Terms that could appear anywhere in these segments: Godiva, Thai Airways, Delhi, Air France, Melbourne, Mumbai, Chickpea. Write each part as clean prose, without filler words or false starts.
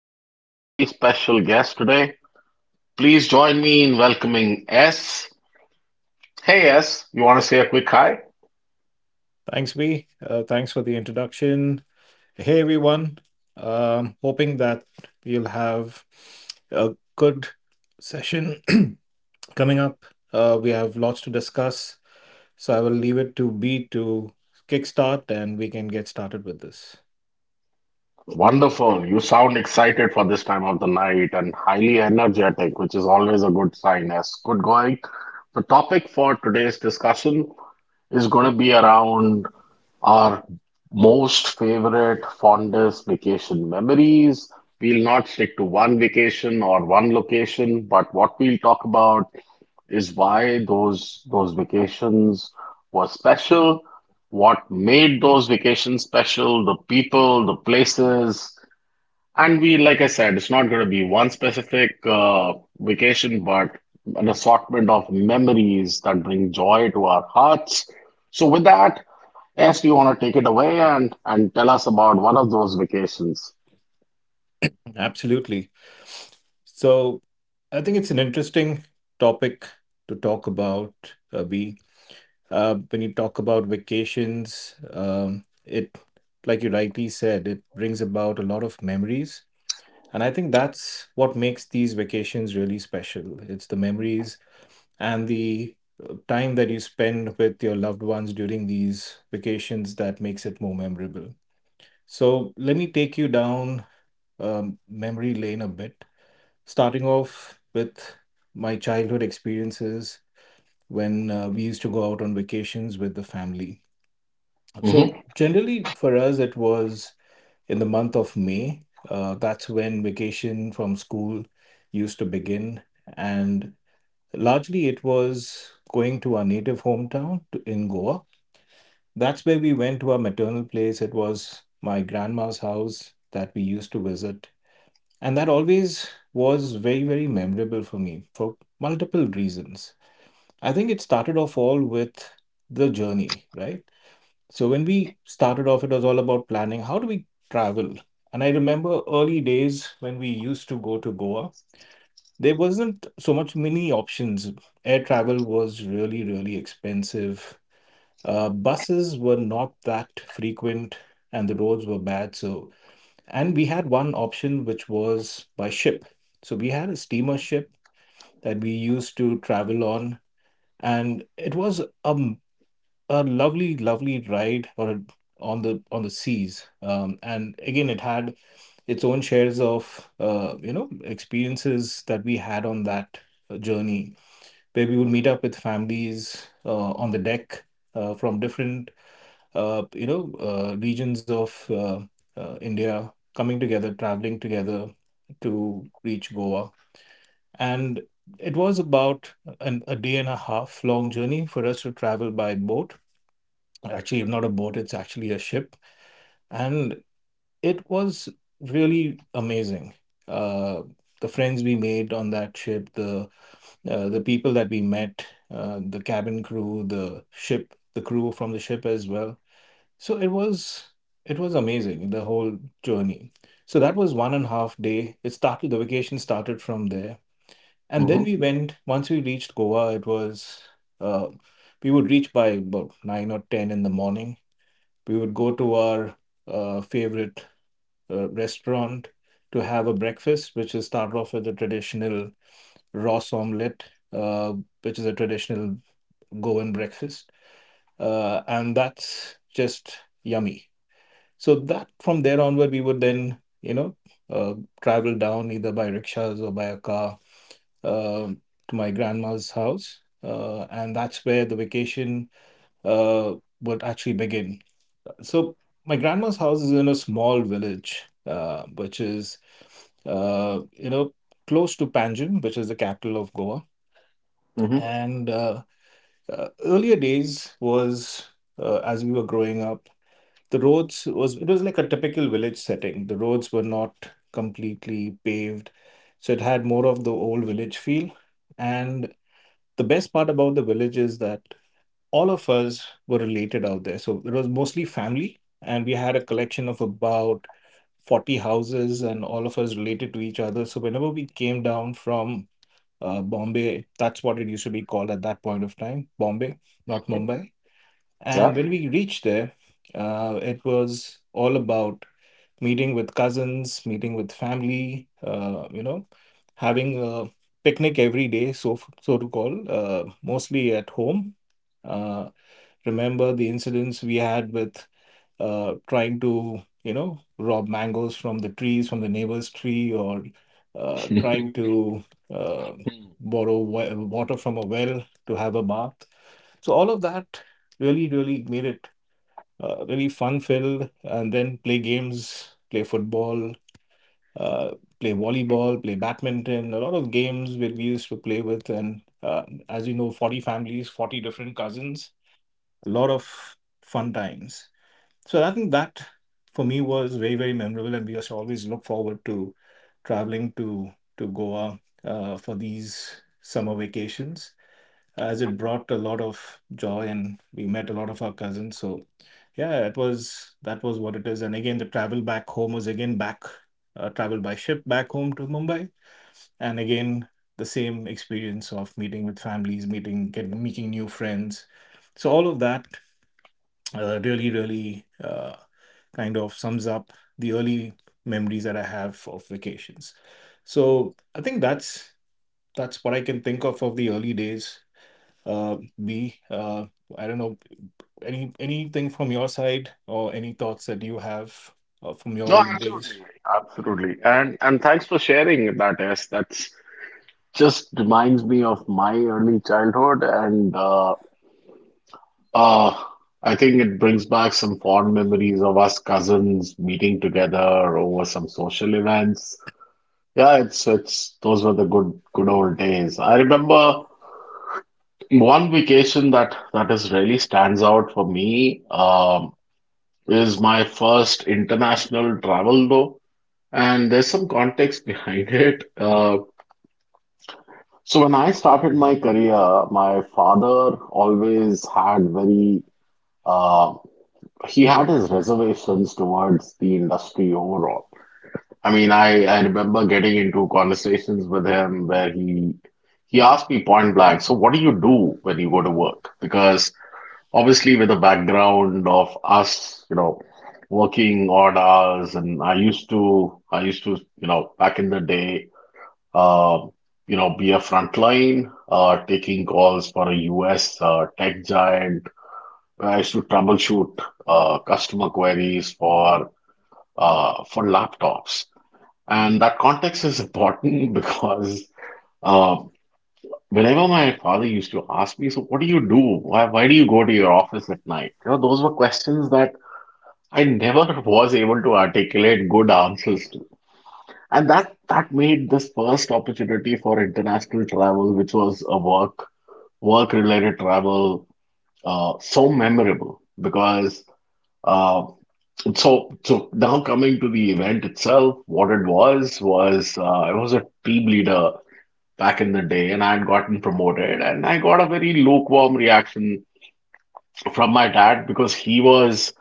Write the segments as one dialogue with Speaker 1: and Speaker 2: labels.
Speaker 1: with a very special guest today. Please join me in welcoming S. Hey, S, you want to say a quick hi?
Speaker 2: Thanks, B. Thanks for the introduction. Hey, everyone. Hoping that we'll have a good session coming up. We have lots to discuss, so I will leave it to B to kickstart and we can get started with this.
Speaker 1: Wonderful. You sound excited for this time of the night and highly energetic, which is always a good sign, S. Good going. The topic for today's discussion is going to be around our most favorite, fondest vacation memories. We'll not stick to one vacation or one location, but what we'll talk about is why those vacations were special, what made those vacations special, the people, the places, and we, like I said, it's not going to be one specific vacation, but an assortment of memories that bring joy to our hearts. So, with that, yes, do you want to take it away and tell us about one of those vacations?
Speaker 2: Absolutely. So, I think it's an interesting topic to talk about, B. When you talk about vacations, it, like you rightly said, it brings about a lot of memories. And I think that's what makes these vacations really special. It's the memories and the time that you spend with your loved ones during these vacations that makes it more memorable. So let me take you down memory lane a bit, starting off with my childhood experiences when we used to go out on vacations with the family. So
Speaker 1: Mm-hmm.
Speaker 2: generally for us, it was in the month of May. That's when vacation from school used to begin, and largely it was going to our native hometown in Goa. That's where we went to our maternal place. It was my grandma's house that we used to visit, and that always was very, very memorable for me for multiple reasons. I think it started off all with the journey, right? So when we started off, it was all about planning. How do we travel? And I remember early days when we used to go to Goa, there wasn't so much many options. Air travel was really, really expensive. Buses were not that frequent and the roads were bad. So, and we had one option which was by ship. So we had a steamer ship that we used to travel on, and it was a lovely, lovely ride on the seas. And again, it had its own shares of you know experiences that we had on that journey, where we would meet up with families on the deck from different you know regions of India, coming together, traveling together to reach Goa, and it was about a day and a half long journey for us to travel by boat. Actually, if not a boat, it's actually a ship. And it was really amazing, uh, the friends we made on that ship, the people that we met, the cabin crew, the ship, the crew from the ship as well. So it was, it was amazing, the whole journey. So that was one and a half day. It started, the vacation started from there. And then
Speaker 1: Mm-hmm.
Speaker 2: we went, once we reached Goa, it was uh, we would reach by about 9 or 10 in the morning. We would go to our favorite restaurant to have a breakfast, which is start off with a traditional Ross omelette, uh, which is a traditional Goan breakfast, and that's just yummy. So that, from there onward, we would then you know uh, travel down either by rickshaws or by a car, uh, to my grandma's house, and that's where the vacation uh, would actually begin. So my grandma's house is in a small village, which is, you know, close to Panjim, which is the capital of Goa.
Speaker 1: Mm-hmm.
Speaker 2: And earlier days was, as we were growing up, the roads was, it was like a typical village setting. The roads were not completely paved, so it had more of the old village feel. And the best part about the village is that all of us were related out there. So it was mostly family, and we had a collection of about 40 houses and all of us related to each other. So whenever we came down from Bombay, that's what it used to be called at that point of time, Bombay, not Mumbai.
Speaker 1: Yeah.
Speaker 2: And when we reached there, it was all about meeting with cousins, meeting with family, you know, having a picnic every day, so so to call, mostly at home. Uh, remember the incidents we had with trying to you know rob mangoes from the trees from the neighbor's tree or trying to uh, borrow water from a well to have a bath. So all of that really, really made it really fun filled. And then play games, play football, uh, play volleyball, play badminton, a lot of games where we used to play with. And as you know, 40 families, 40 different cousins, a lot of fun times. So I think that for me was very, very memorable, and we just always look forward to traveling to Goa for these summer vacations, as it brought a lot of joy, and we met a lot of our cousins. So yeah, it was, that was what it is. And again, the travel back home was again back, travel by ship back home to Mumbai, and again the same experience of meeting with families, meeting new friends. So all of that really, really kind of sums up the early memories that I have of vacations. So I think that's what I can think of the early days. Uh, B, I don't know anything from your side or any thoughts that you have from your
Speaker 1: No,
Speaker 2: early
Speaker 1: absolutely,
Speaker 2: days.
Speaker 1: absolutely. And thanks for sharing that. Yes, that's just reminds me of my early childhood and Uh, I think it brings back some fond memories of us cousins meeting together over some social events. Yeah, it's those were the good old days. I remember one vacation that is really stands out for me, is my first international travel though, and there's some context behind it. So when I started my career, my father always had very, uh, he had his reservations towards the industry overall. I mean, I remember getting into conversations with him where he asked me point blank, so what do you do when you go to work? Because obviously with the background of us, you know, working odd hours and I used to, you know, back in the day, uh, you know, be a frontline, taking calls for a US tech giant. I used to troubleshoot customer queries for laptops. And that context is important because, uh, whenever my father used to ask me, "So what do you do? Why do you go to your office at night?" You know, those were questions that I never was able to articulate good answers to. And that made this first opportunity for international travel, which was a work related travel, so memorable because. uh, so now coming to the event itself, what it was I was a team leader back in the day, and I had gotten promoted, and I got a very lukewarm reaction from my dad because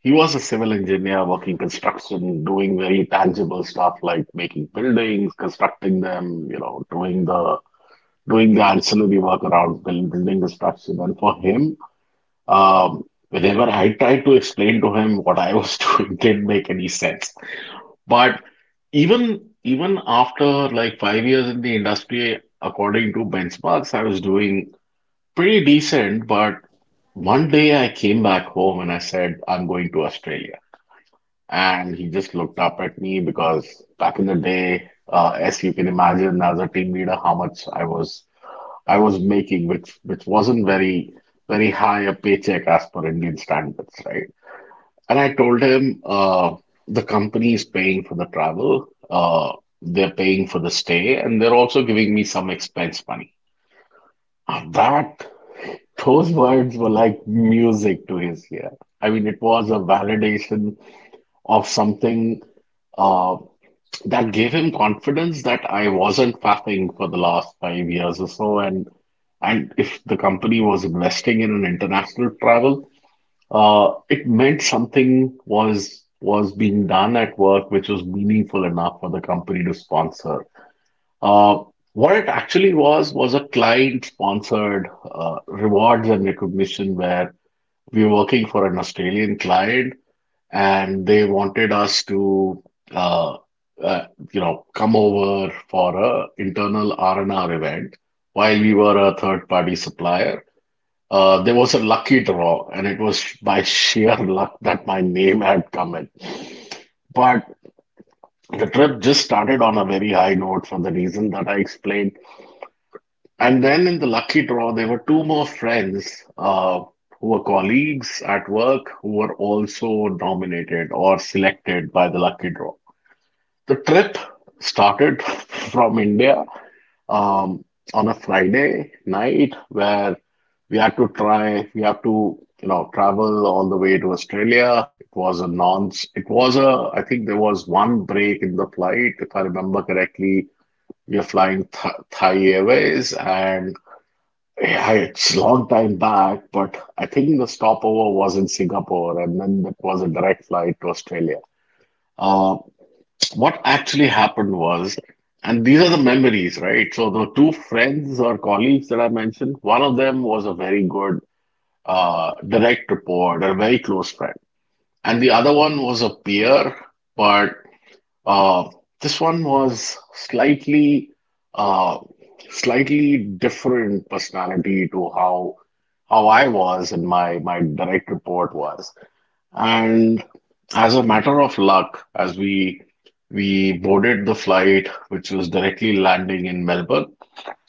Speaker 1: he was a civil engineer working construction, doing very tangible stuff like making buildings, constructing them, you know, doing the ancillary work around building construction, and for him, um, whenever I tried to explain to him what I was doing, didn't make any sense. But even after like 5 years in the industry, according to benchmarks, I was doing pretty decent. But one day I came back home and I said, I'm going to Australia. And he just looked up at me because back in the day, as you can imagine, as a team leader, how much I was making, which wasn't very high a paycheck as per Indian standards, right? And I told him, the company is paying for the travel, they're paying for the stay, and they're also giving me some expense money. Uh, That, those words were like music to his ear. I mean, it was a validation of something, uh, that gave him confidence that I wasn't faffing for the last 5 years or so. And if the company was investing in an international travel, it meant something was being done at work which was meaningful enough for the company to sponsor. Uh, what it actually was a client-sponsored rewards and recognition where we were working for an Australian client and they wanted us to, uh, uh, you know, come over for a internal R&R event while we were a third-party supplier. There was a lucky draw, and it was by sheer luck that my name had come in. But the trip just started on a very high note for the reason that I explained. And then in the lucky draw, there were two more friends, uh, who were colleagues at work who were also nominated or selected by the lucky draw. The trip started from India, um, on a Friday night where we had to you know, travel all the way to Australia. It was a I think there was one break in the flight, if I remember correctly. We were flying Th Thai Airways, and yeah, it's a long time back, but I think the stopover was in Singapore, and then that was a direct flight to Australia. Uh, what actually happened was, and these are the memories, right? So the two friends or colleagues that I mentioned, one of them was a very good, direct report or a very close friend. And the other one was a peer, but, uh, this one was slightly, uh, slightly different personality to how I was and my direct report was. And as a matter of luck, as we boarded the flight, which was directly landing in Melbourne,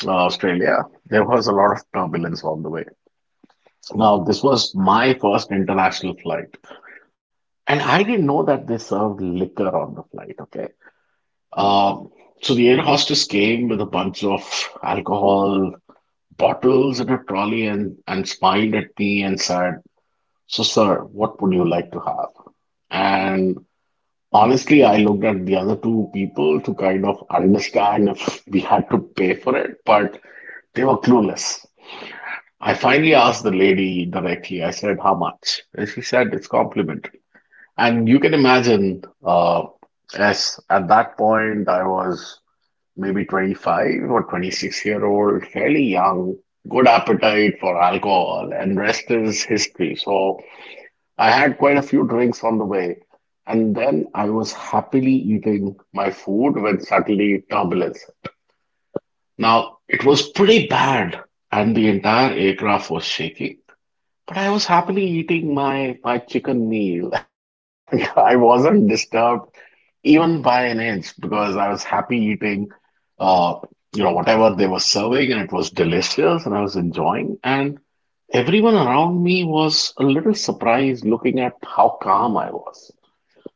Speaker 1: Australia, there was a lot of turbulence on the way. Now, this was my first international flight, and I didn't know that they served liquor on the flight, okay? Um, so the air hostess came with a bunch of alcohol bottles in a trolley and, smiled at me and said, so, sir, what would you like to have? And honestly, I looked at the other two people to kind of understand if we had to pay for it, but they were clueless. I finally asked the lady directly, I said, how much? And she said, it's complimentary. And you can imagine, as at that point, I was maybe 25 or 26-year-old year old, fairly young, good appetite for alcohol, and rest is history. So I had quite a few drinks on the way. And then I was happily eating my food when suddenly turbulence. Now, it was pretty bad, and the entire aircraft was shaking. But I was happily eating my chicken meal. I wasn't disturbed even by an inch because I was happy eating, uh you know, whatever they were serving, and it was delicious and I was enjoying, and everyone around me was a little surprised looking at how calm I was.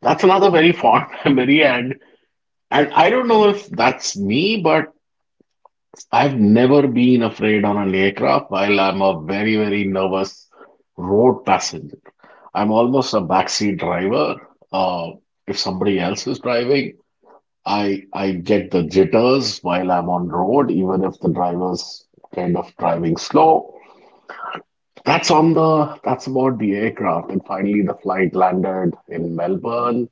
Speaker 1: That's another very fond memory, and I don't know if that's me, but I've never been afraid on an aircraft while I'm a very, very nervous road passenger. I'm almost a backseat driver. Uh, if somebody else is driving, I get the jitters while I'm on road, even if the driver's kind of driving slow. That's on the that's about the aircraft. And finally, the flight landed in Melbourne.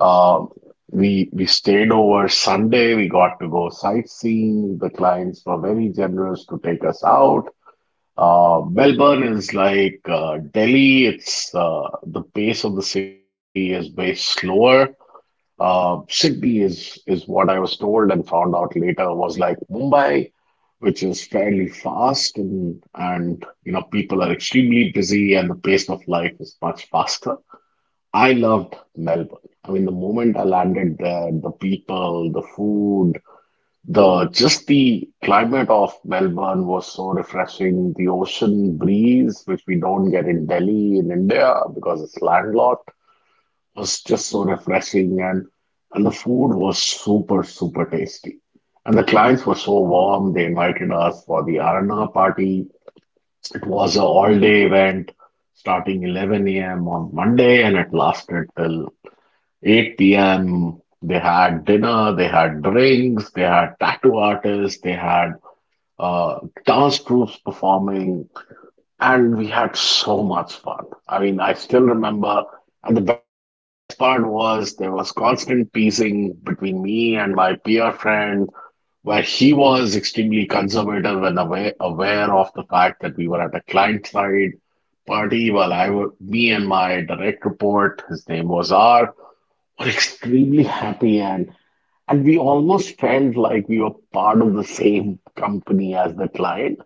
Speaker 1: Uh, we stayed over Sunday. We got to go sightseeing. The clients were very generous to take us out. Melbourne is like, Delhi. It's, the pace of the city is way slower. Chickpea is what I was told and found out later was like Mumbai, which is fairly fast and, you know, people are extremely busy and the pace of life is much faster. I loved Melbourne. I mean, the moment I landed there, the people, the food, the just the climate of Melbourne was so refreshing. The ocean breeze, which we don't get in Delhi in India because it's landlocked, was just so refreshing. And the food was super tasty, and the clients were so warm. They invited us for the arana party. It was a all day event, starting 11 a.m on monday, and it lasted till 8 p.m. They had dinner, they had drinks, they had tattoo artists, they had, uh, dance troops performing, and we had so much fun. I mean, I still remember, and the best part was there was constant teasing between me and my peer friend, where he was extremely conservative and aware, aware of the fact that we were at a client side party, while me and my direct report, his name was R, were extremely happy, and we almost felt like we were part of the same company as the client,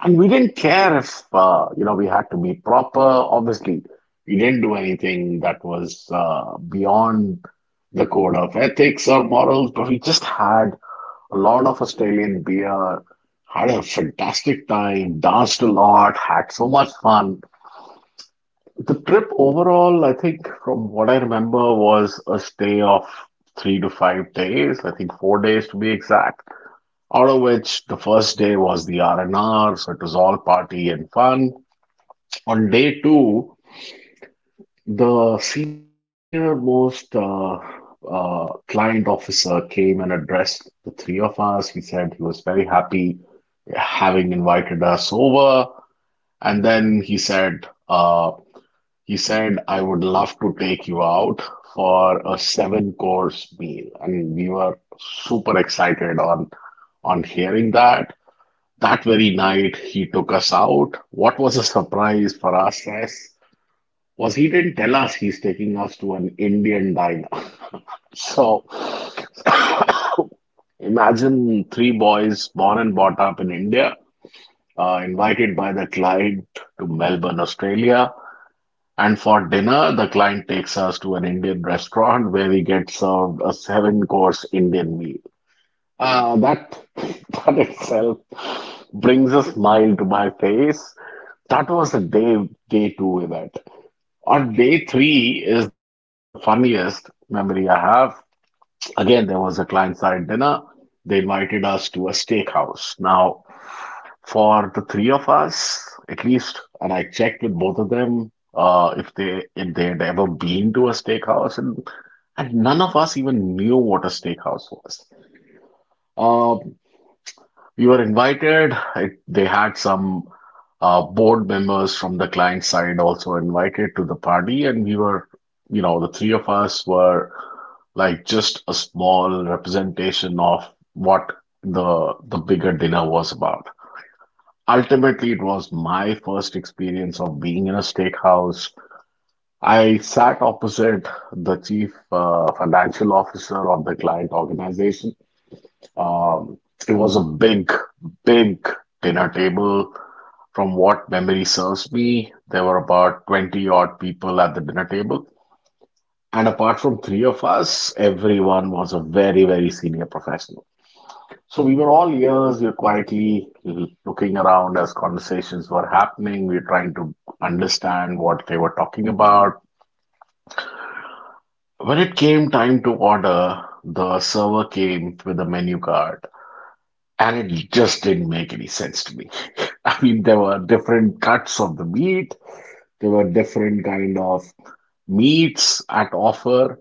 Speaker 1: and we didn't care if, you know, we had to be proper. Obviously, we didn't do anything that was, beyond the code of ethics or morals, but we just had a lot of Australian beer, had a fantastic time, danced a lot, had so much fun. The trip overall, I think, from what I remember, was a stay of 3 to 5 days. I think 4 days to be exact. Out of which the first day was the R and R, so it was all party and fun. On day two, the senior-most uh, client officer came and addressed the three of us. He said he was very happy having invited us over, and then he said, "I would love to take you out for a seven-course meal," and we were super excited on hearing that. That very night, he took us out. What was a surprise for us, Sess, was he didn't tell us he's taking us to an Indian diner. So imagine three boys born and brought up in India, invited by the client to Melbourne, Australia. And for dinner, the client takes us to an Indian restaurant where we get served a seven course Indian meal. That That itself brings a smile to my face. That was a day two event. On day three is the funniest memory I have. Again, there was a client side dinner. They invited us to a steakhouse. Now, for the three of us, at least, and I checked with both of them if they had ever been to a steakhouse, and none of us even knew what a steakhouse was. Uh, we were invited. They had some board members from the client side also invited to the party, and we were, you know, the three of us were like just a small representation of what the bigger dinner was about. Ultimately, it was my first experience of being in a steakhouse. I sat opposite the chief financial officer of the client organization. um, it was a big, big dinner table. From what memory serves me, there were about 20 odd people at the dinner table. And apart from three of us, everyone was a very, very senior professional. So we were all ears, we were quietly looking around as conversations were happening. We were trying to understand what they were talking about. When it came time to order, the server came with a menu card, and it just didn't make any sense to me. I mean, there were different cuts of the meat. There were different kind of meats at offer.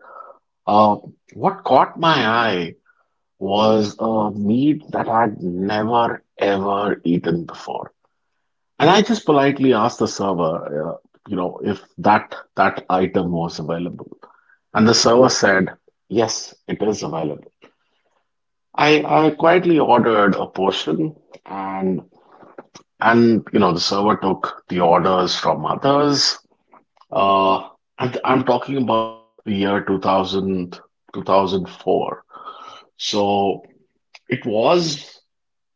Speaker 1: Uh, what caught my eye was a meat that I'd never ever eaten before, and I just politely asked the server, if that item was available, and the server said, "Yes, it is available." I quietly ordered a portion and. And the server took the orders from others. Uh, I'm talking about the year 2000, 2004. So it was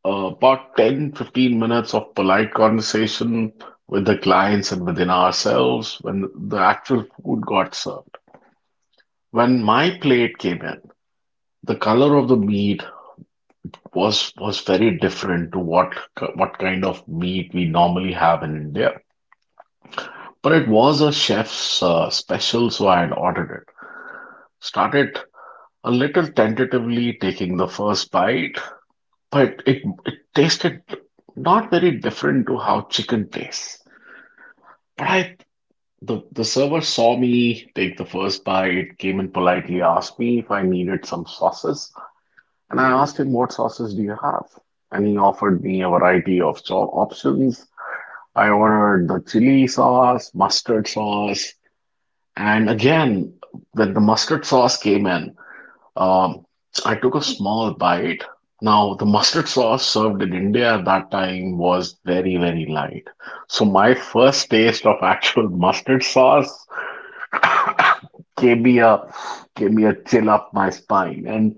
Speaker 1: uh, about 10, 15 minutes of polite conversation with the clients and within ourselves when the actual food got served. When my plate came in, the color of the meat was very different to what kind of meat we normally have in India. But it was a chef's special, so I had ordered it. Started a little tentatively taking the first bite, but it tasted not very different to how chicken tastes. But the server saw me take the first bite, came and politely asked me if I needed some sauces, and I asked him, "What sauces do you have?" And he offered me a variety of options. I ordered the chili sauce, mustard sauce, and again, when the mustard sauce came in, Um, I took a small bite. Now, the mustard sauce served in India at that time was very, very light. So my first taste of actual mustard sauce gave me a gave me a chill up my spine. And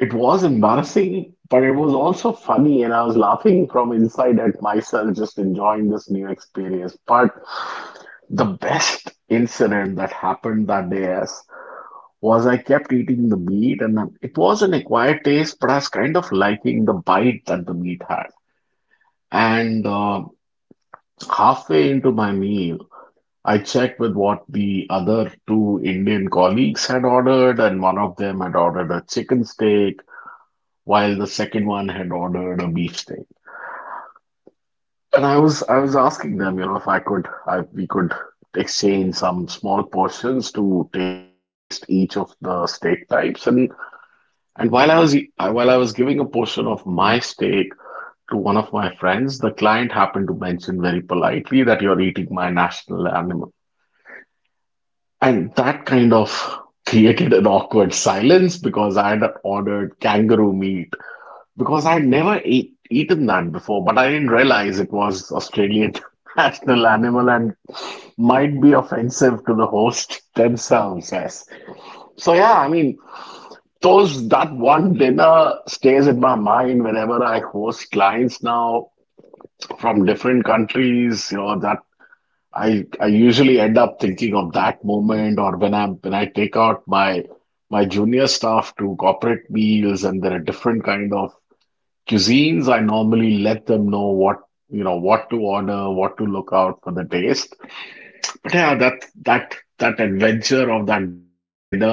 Speaker 1: it was embarrassing, but it was also funny, and I was laughing from inside at myself, just enjoying this new experience. But the best incident that happened that day is was I kept eating the meat, and it was an acquired taste, but I was kind of liking the bite that the meat had. And halfway into my meal, I checked with what the other two Indian colleagues had ordered, and one of them had ordered a chicken steak, while the second one had ordered a beef steak. And I was asking them, you know, if we could exchange some small portions to taste each of the steak types, and while I was giving a portion of my steak to one of my friends, the client happened to mention very politely that you're eating my national animal. And that kind of created an awkward silence because I had ordered kangaroo meat because I'd never eaten that before, but I didn't realize it was Australian national animal and might be offensive to the host themselves, yes. So yeah, I mean, Those that one dinner stays in my mind whenever I host clients now from different countries, you know, that I usually end up thinking of that moment, or when I'm when I take out my junior staff to corporate meals and there are different kind of cuisines, I normally let them know what you know what to order, what to look out for the taste. But yeah, that that adventure of that dinner where I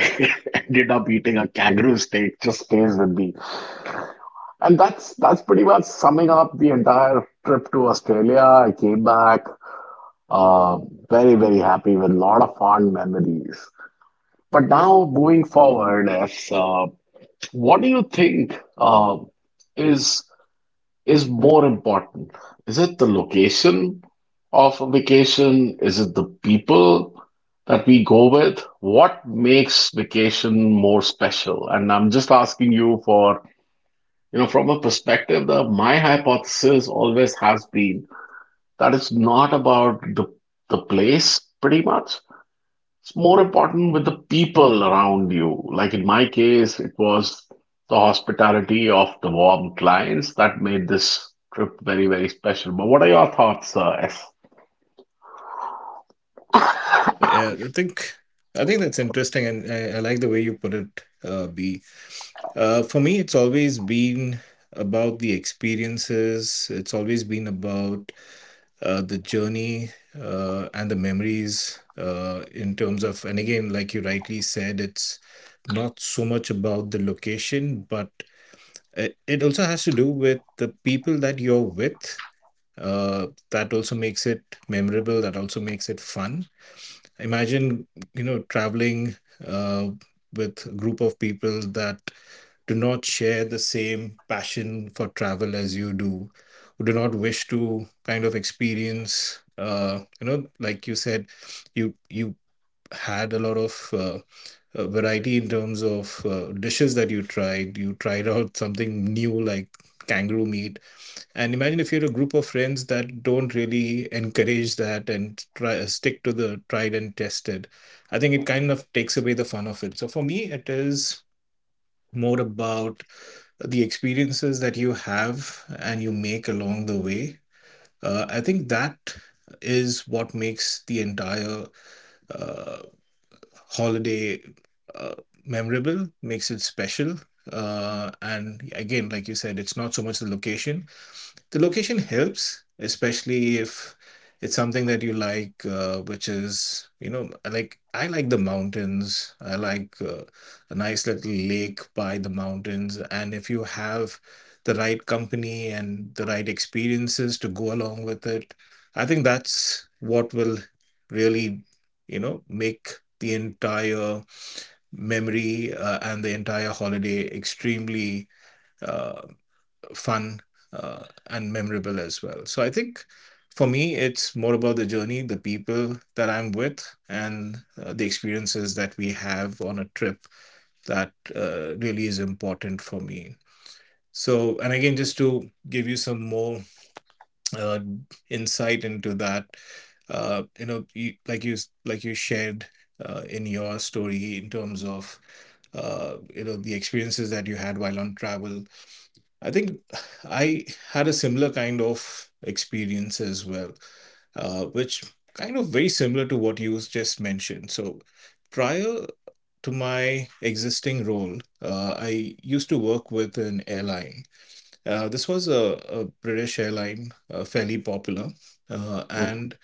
Speaker 1: ended up eating a kangaroo steak just stays with me. And that's pretty much summing up the entire trip to Australia. I came back, uh, very, very happy with a lot of fond memories. But now moving forward, as what do you think is is more important? Is it the location of a vacation? Is it the people that we go with? What makes vacation more special? And I'm just asking you from a perspective. The My hypothesis always has been that it's not about the place pretty much. It's more important with the people around you. Like in my case, it was the hospitality of the warm clients that made this trip very, very special. But what are your thoughts, S?
Speaker 2: Yeah, I think, I think that's interesting, and I like the way you put it, B. For me, it's always been about the experiences. It's always been about the journey and the memories in terms of, and again like you rightly said, it's not so much about the location, but it also has to do with the people that you're with, that also makes it memorable, that also makes it fun. Imagine, you know, traveling uh, with a group of people that do not share the same passion for travel as you do, who do not wish to kind of experience, you know, like you said, you had a lot of variety in terms of dishes that you tried. You tried out something new like kangaroo meat. And imagine if you're a group of friends that don't really encourage that and try stick to the tried and tested. I think it kind of takes away the fun of it. So for me, it is more about the experiences that you have and you make along the way. I think that is what makes the entire uh, holiday uh, memorable, makes it special. And again, like you said, it's not so much the location, the location helps, especially if it's something that you like, which is, you know, I like, I like the mountains. I like a nice little lake by the mountains, and if you have the right company and the right experiences to go along with it, I think that's what will really, you know, make the entire memory and the entire holiday extremely uh, fun and memorable as well. So I think for me, it's more about the journey, the people that I'm with, and the experiences that we have on a trip that really is important for me. So, and again, just to give you some more uh, insight into that, you know, like you shared in your story in terms of you know the experiences that you had while on travel. I think I had a similar kind of experience as well, which kind of very similar to what you just mentioned. So, prior to my existing role, I used to work with an airline. This was a British airline, fairly popular. Uh,
Speaker 1: Hmm.
Speaker 2: and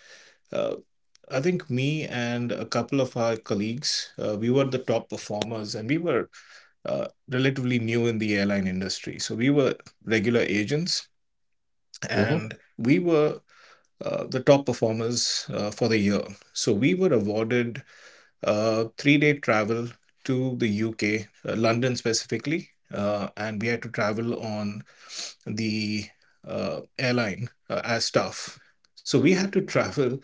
Speaker 2: uh, I think me and a couple of our colleagues, we were the top performers and we were relatively new in the airline industry. So we were regular agents
Speaker 1: Mm-hmm.
Speaker 2: and we were the top performers for the year. So we were awarded 3 day travel to the UK, London specifically, and we had to travel on the airline as staff. So we had to travel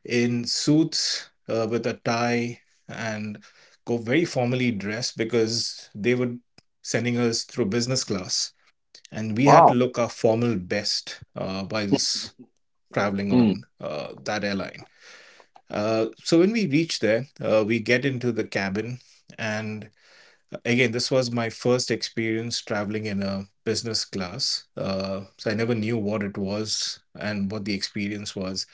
Speaker 2: in suits with a tie and go very formally dressed because they were sending us through business class. And we had to
Speaker 1: Wow.
Speaker 2: look our formal best whilst traveling
Speaker 1: Mm.
Speaker 2: on that airline. So when we reach there, we get into the cabin, and again, this was my first experience traveling in a business class. So
Speaker 1: Hmm.
Speaker 2: I never
Speaker 1: Mhm.
Speaker 2: knew what it was and what the experience was.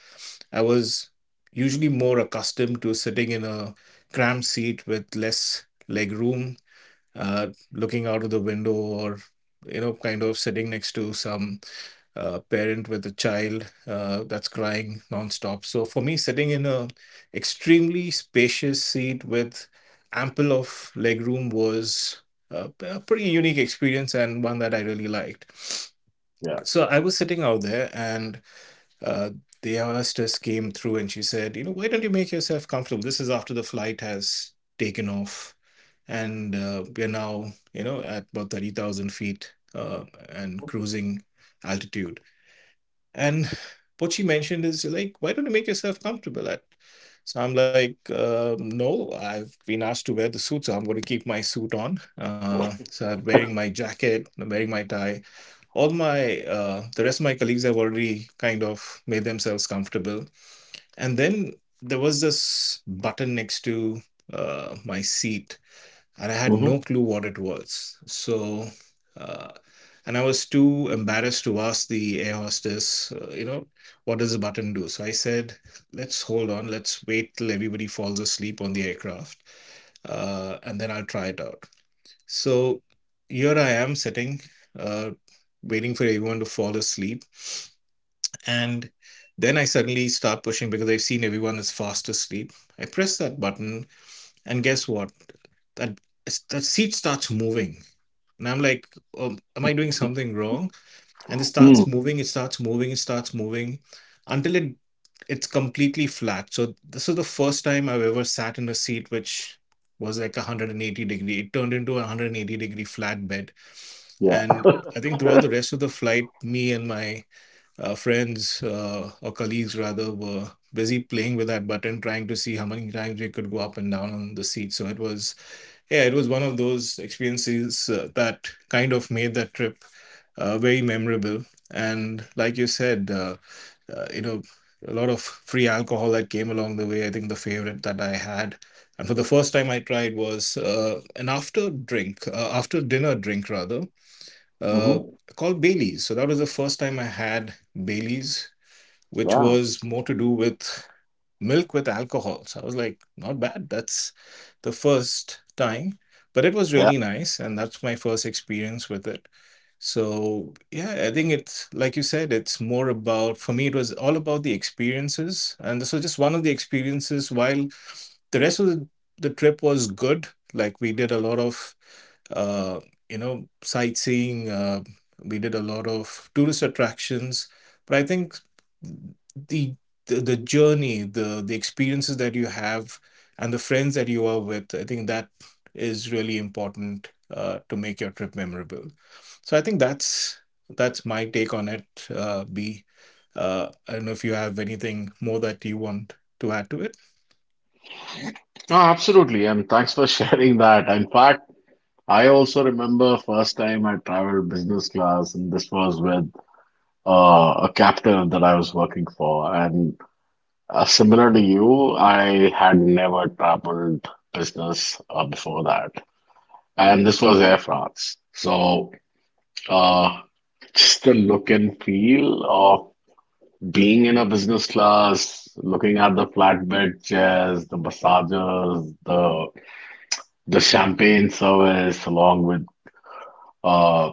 Speaker 2: I was usually more accustomed to sitting in a cramped seat with less leg room, looking out of the window, or you know, kind of sitting next to some parent with a child that's crying nonstop. So for me, sitting in a extremely spacious seat with ample of legroom was a pretty unique experience and one that I really liked.
Speaker 1: Yeah.
Speaker 2: So I was sitting out there, and uh, the hostess came through and she said, "You know, why don't you make yourself comfortable? This is after the flight has taken off." And we're now, you know, at about 30,000 feet and
Speaker 1: Yeah.
Speaker 2: cruising altitude. And what she mentioned is like, why don't you make yourself comfortable at? So I'm like, no, I've been asked to wear the suit, so I'm going to keep my suit on. So I'm wearing my jacket, I'm wearing my tie. All my the rest of my colleagues have already kind of made themselves comfortable. And then there was this button next to my seat and I had no
Speaker 1: Hmm.
Speaker 2: clue what it was. So, uh, and I was too embarrassed to ask the air hostess, what does the button do? So I said, let's hold on, let's wait till everybody falls asleep on the aircraft, and then I'll try it out. So here I am sitting, uh, waiting for everyone to fall asleep. And then I suddenly start pushing because I've seen everyone is fast asleep. I press that button, and guess what? That, that seat starts moving and I'm like, am I doing
Speaker 1: Hmm.
Speaker 2: something wrong? And it starts moving, it starts moving, it starts moving until it's completely flat. So this is the first time I've ever sat in a seat which was like 180 degree. It turned into a 180 degree flat bed.
Speaker 1: Yeah.
Speaker 2: And I think throughout the rest of the flight, me and my friends or colleagues rather were busy playing with that button, trying to see how many times we could go up and down on the seat. So it was yeah, it was one of those experiences that kind of made that trip very memorable. And like you said, uh, you know, a lot of free alcohol that came along the way. I think the favorite that I had, and for the first time I tried was an after drink, after dinner drink rather, uh,
Speaker 1: Hmm.
Speaker 2: called Bailey's. So that was the first time I had Bailey's, which
Speaker 1: Yeah.
Speaker 2: was more to do with milk with alcohol. So I was like, not bad. That's the first time, but it was
Speaker 1: Yeah.
Speaker 2: really nice. And that's my first experience with it. So, yeah, I think it's like you said, it's more about, for me, it was all about the experiences. And this was just one of the experiences while the rest of the trip was good. Like we did a lot of uh, sightseeing. We did a lot of tourist attractions, but I think the the journey, the experiences that you have, and the friends that you are with, I think that is really important to make your trip memorable. So I think that's my take on it. B. I don't know if you have anything more that you want to add to it.
Speaker 1: No, absolutely. And thanks for sharing that. In fact, I also remember first time I traveled business class, and this was with a captive that I was working for. And similar to you, I had never traveled business before that. And this was Air France. Uh, just the look and feel of being in a business class, looking at the flatbed chairs, the massages, the champagne service, along with uh,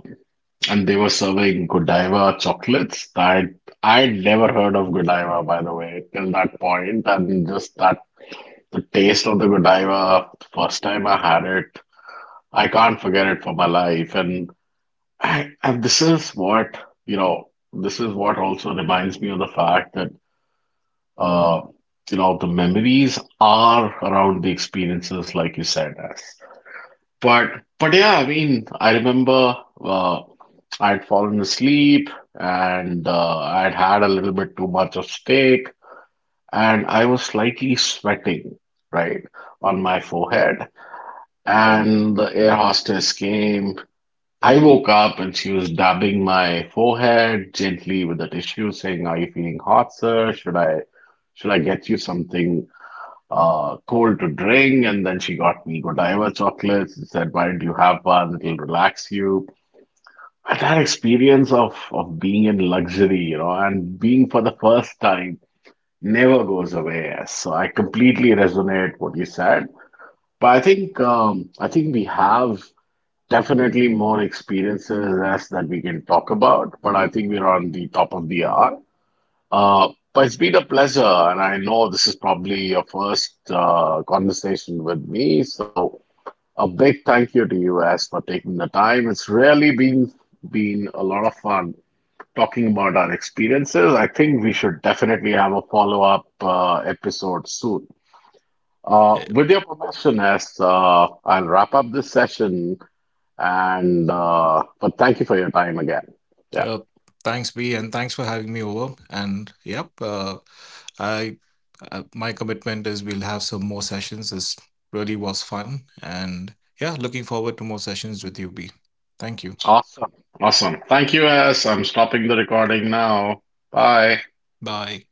Speaker 1: and they were serving Godiva chocolates, that I'd never heard of Godiva, by the way, till that point, and just that the taste of the Godiva, first time I had it, I can't forget it for my life, and this is you know, what also reminds me of the fact that, uh, you know, the memories are around the experiences like you said. As but but yeah, I mean, I remember, uh, I had fallen asleep, and I had had a little bit too much of steak, and I was slightly sweating right on my forehead, and the air hostess came, I woke up, and she was dabbing my forehead gently with a tissue, saying, "Are you feeling hot, sir? Should I get you something cold to drink?" And then she got me Godiva chocolates and said, "Why don't you have one? It'll relax you." And that experience of being in luxury, and being for the first time, never goes away. So I completely resonate what you said. But I think we have definitely more experiences as that we can talk about. But I think we're on the top of the hour. But it's been a pleasure, and I know this is probably your first conversation with me. So a big thank you to you, As, for taking the time. It's really been a lot of fun talking about our experiences. I think we should definitely have a follow-up episode soon. With your permission, As, I'll wrap up this session, and but thank you for your time again. Yeah.
Speaker 2: Uh, Thanks, B, and thanks for having me over. And yep, I my commitment is we'll have some more sessions. This really was fun, and yeah, looking forward to more sessions with you, B. Thank you.
Speaker 1: Awesome. Awesome. Thank you, S. I'm stopping the recording now. Bye.
Speaker 2: Bye.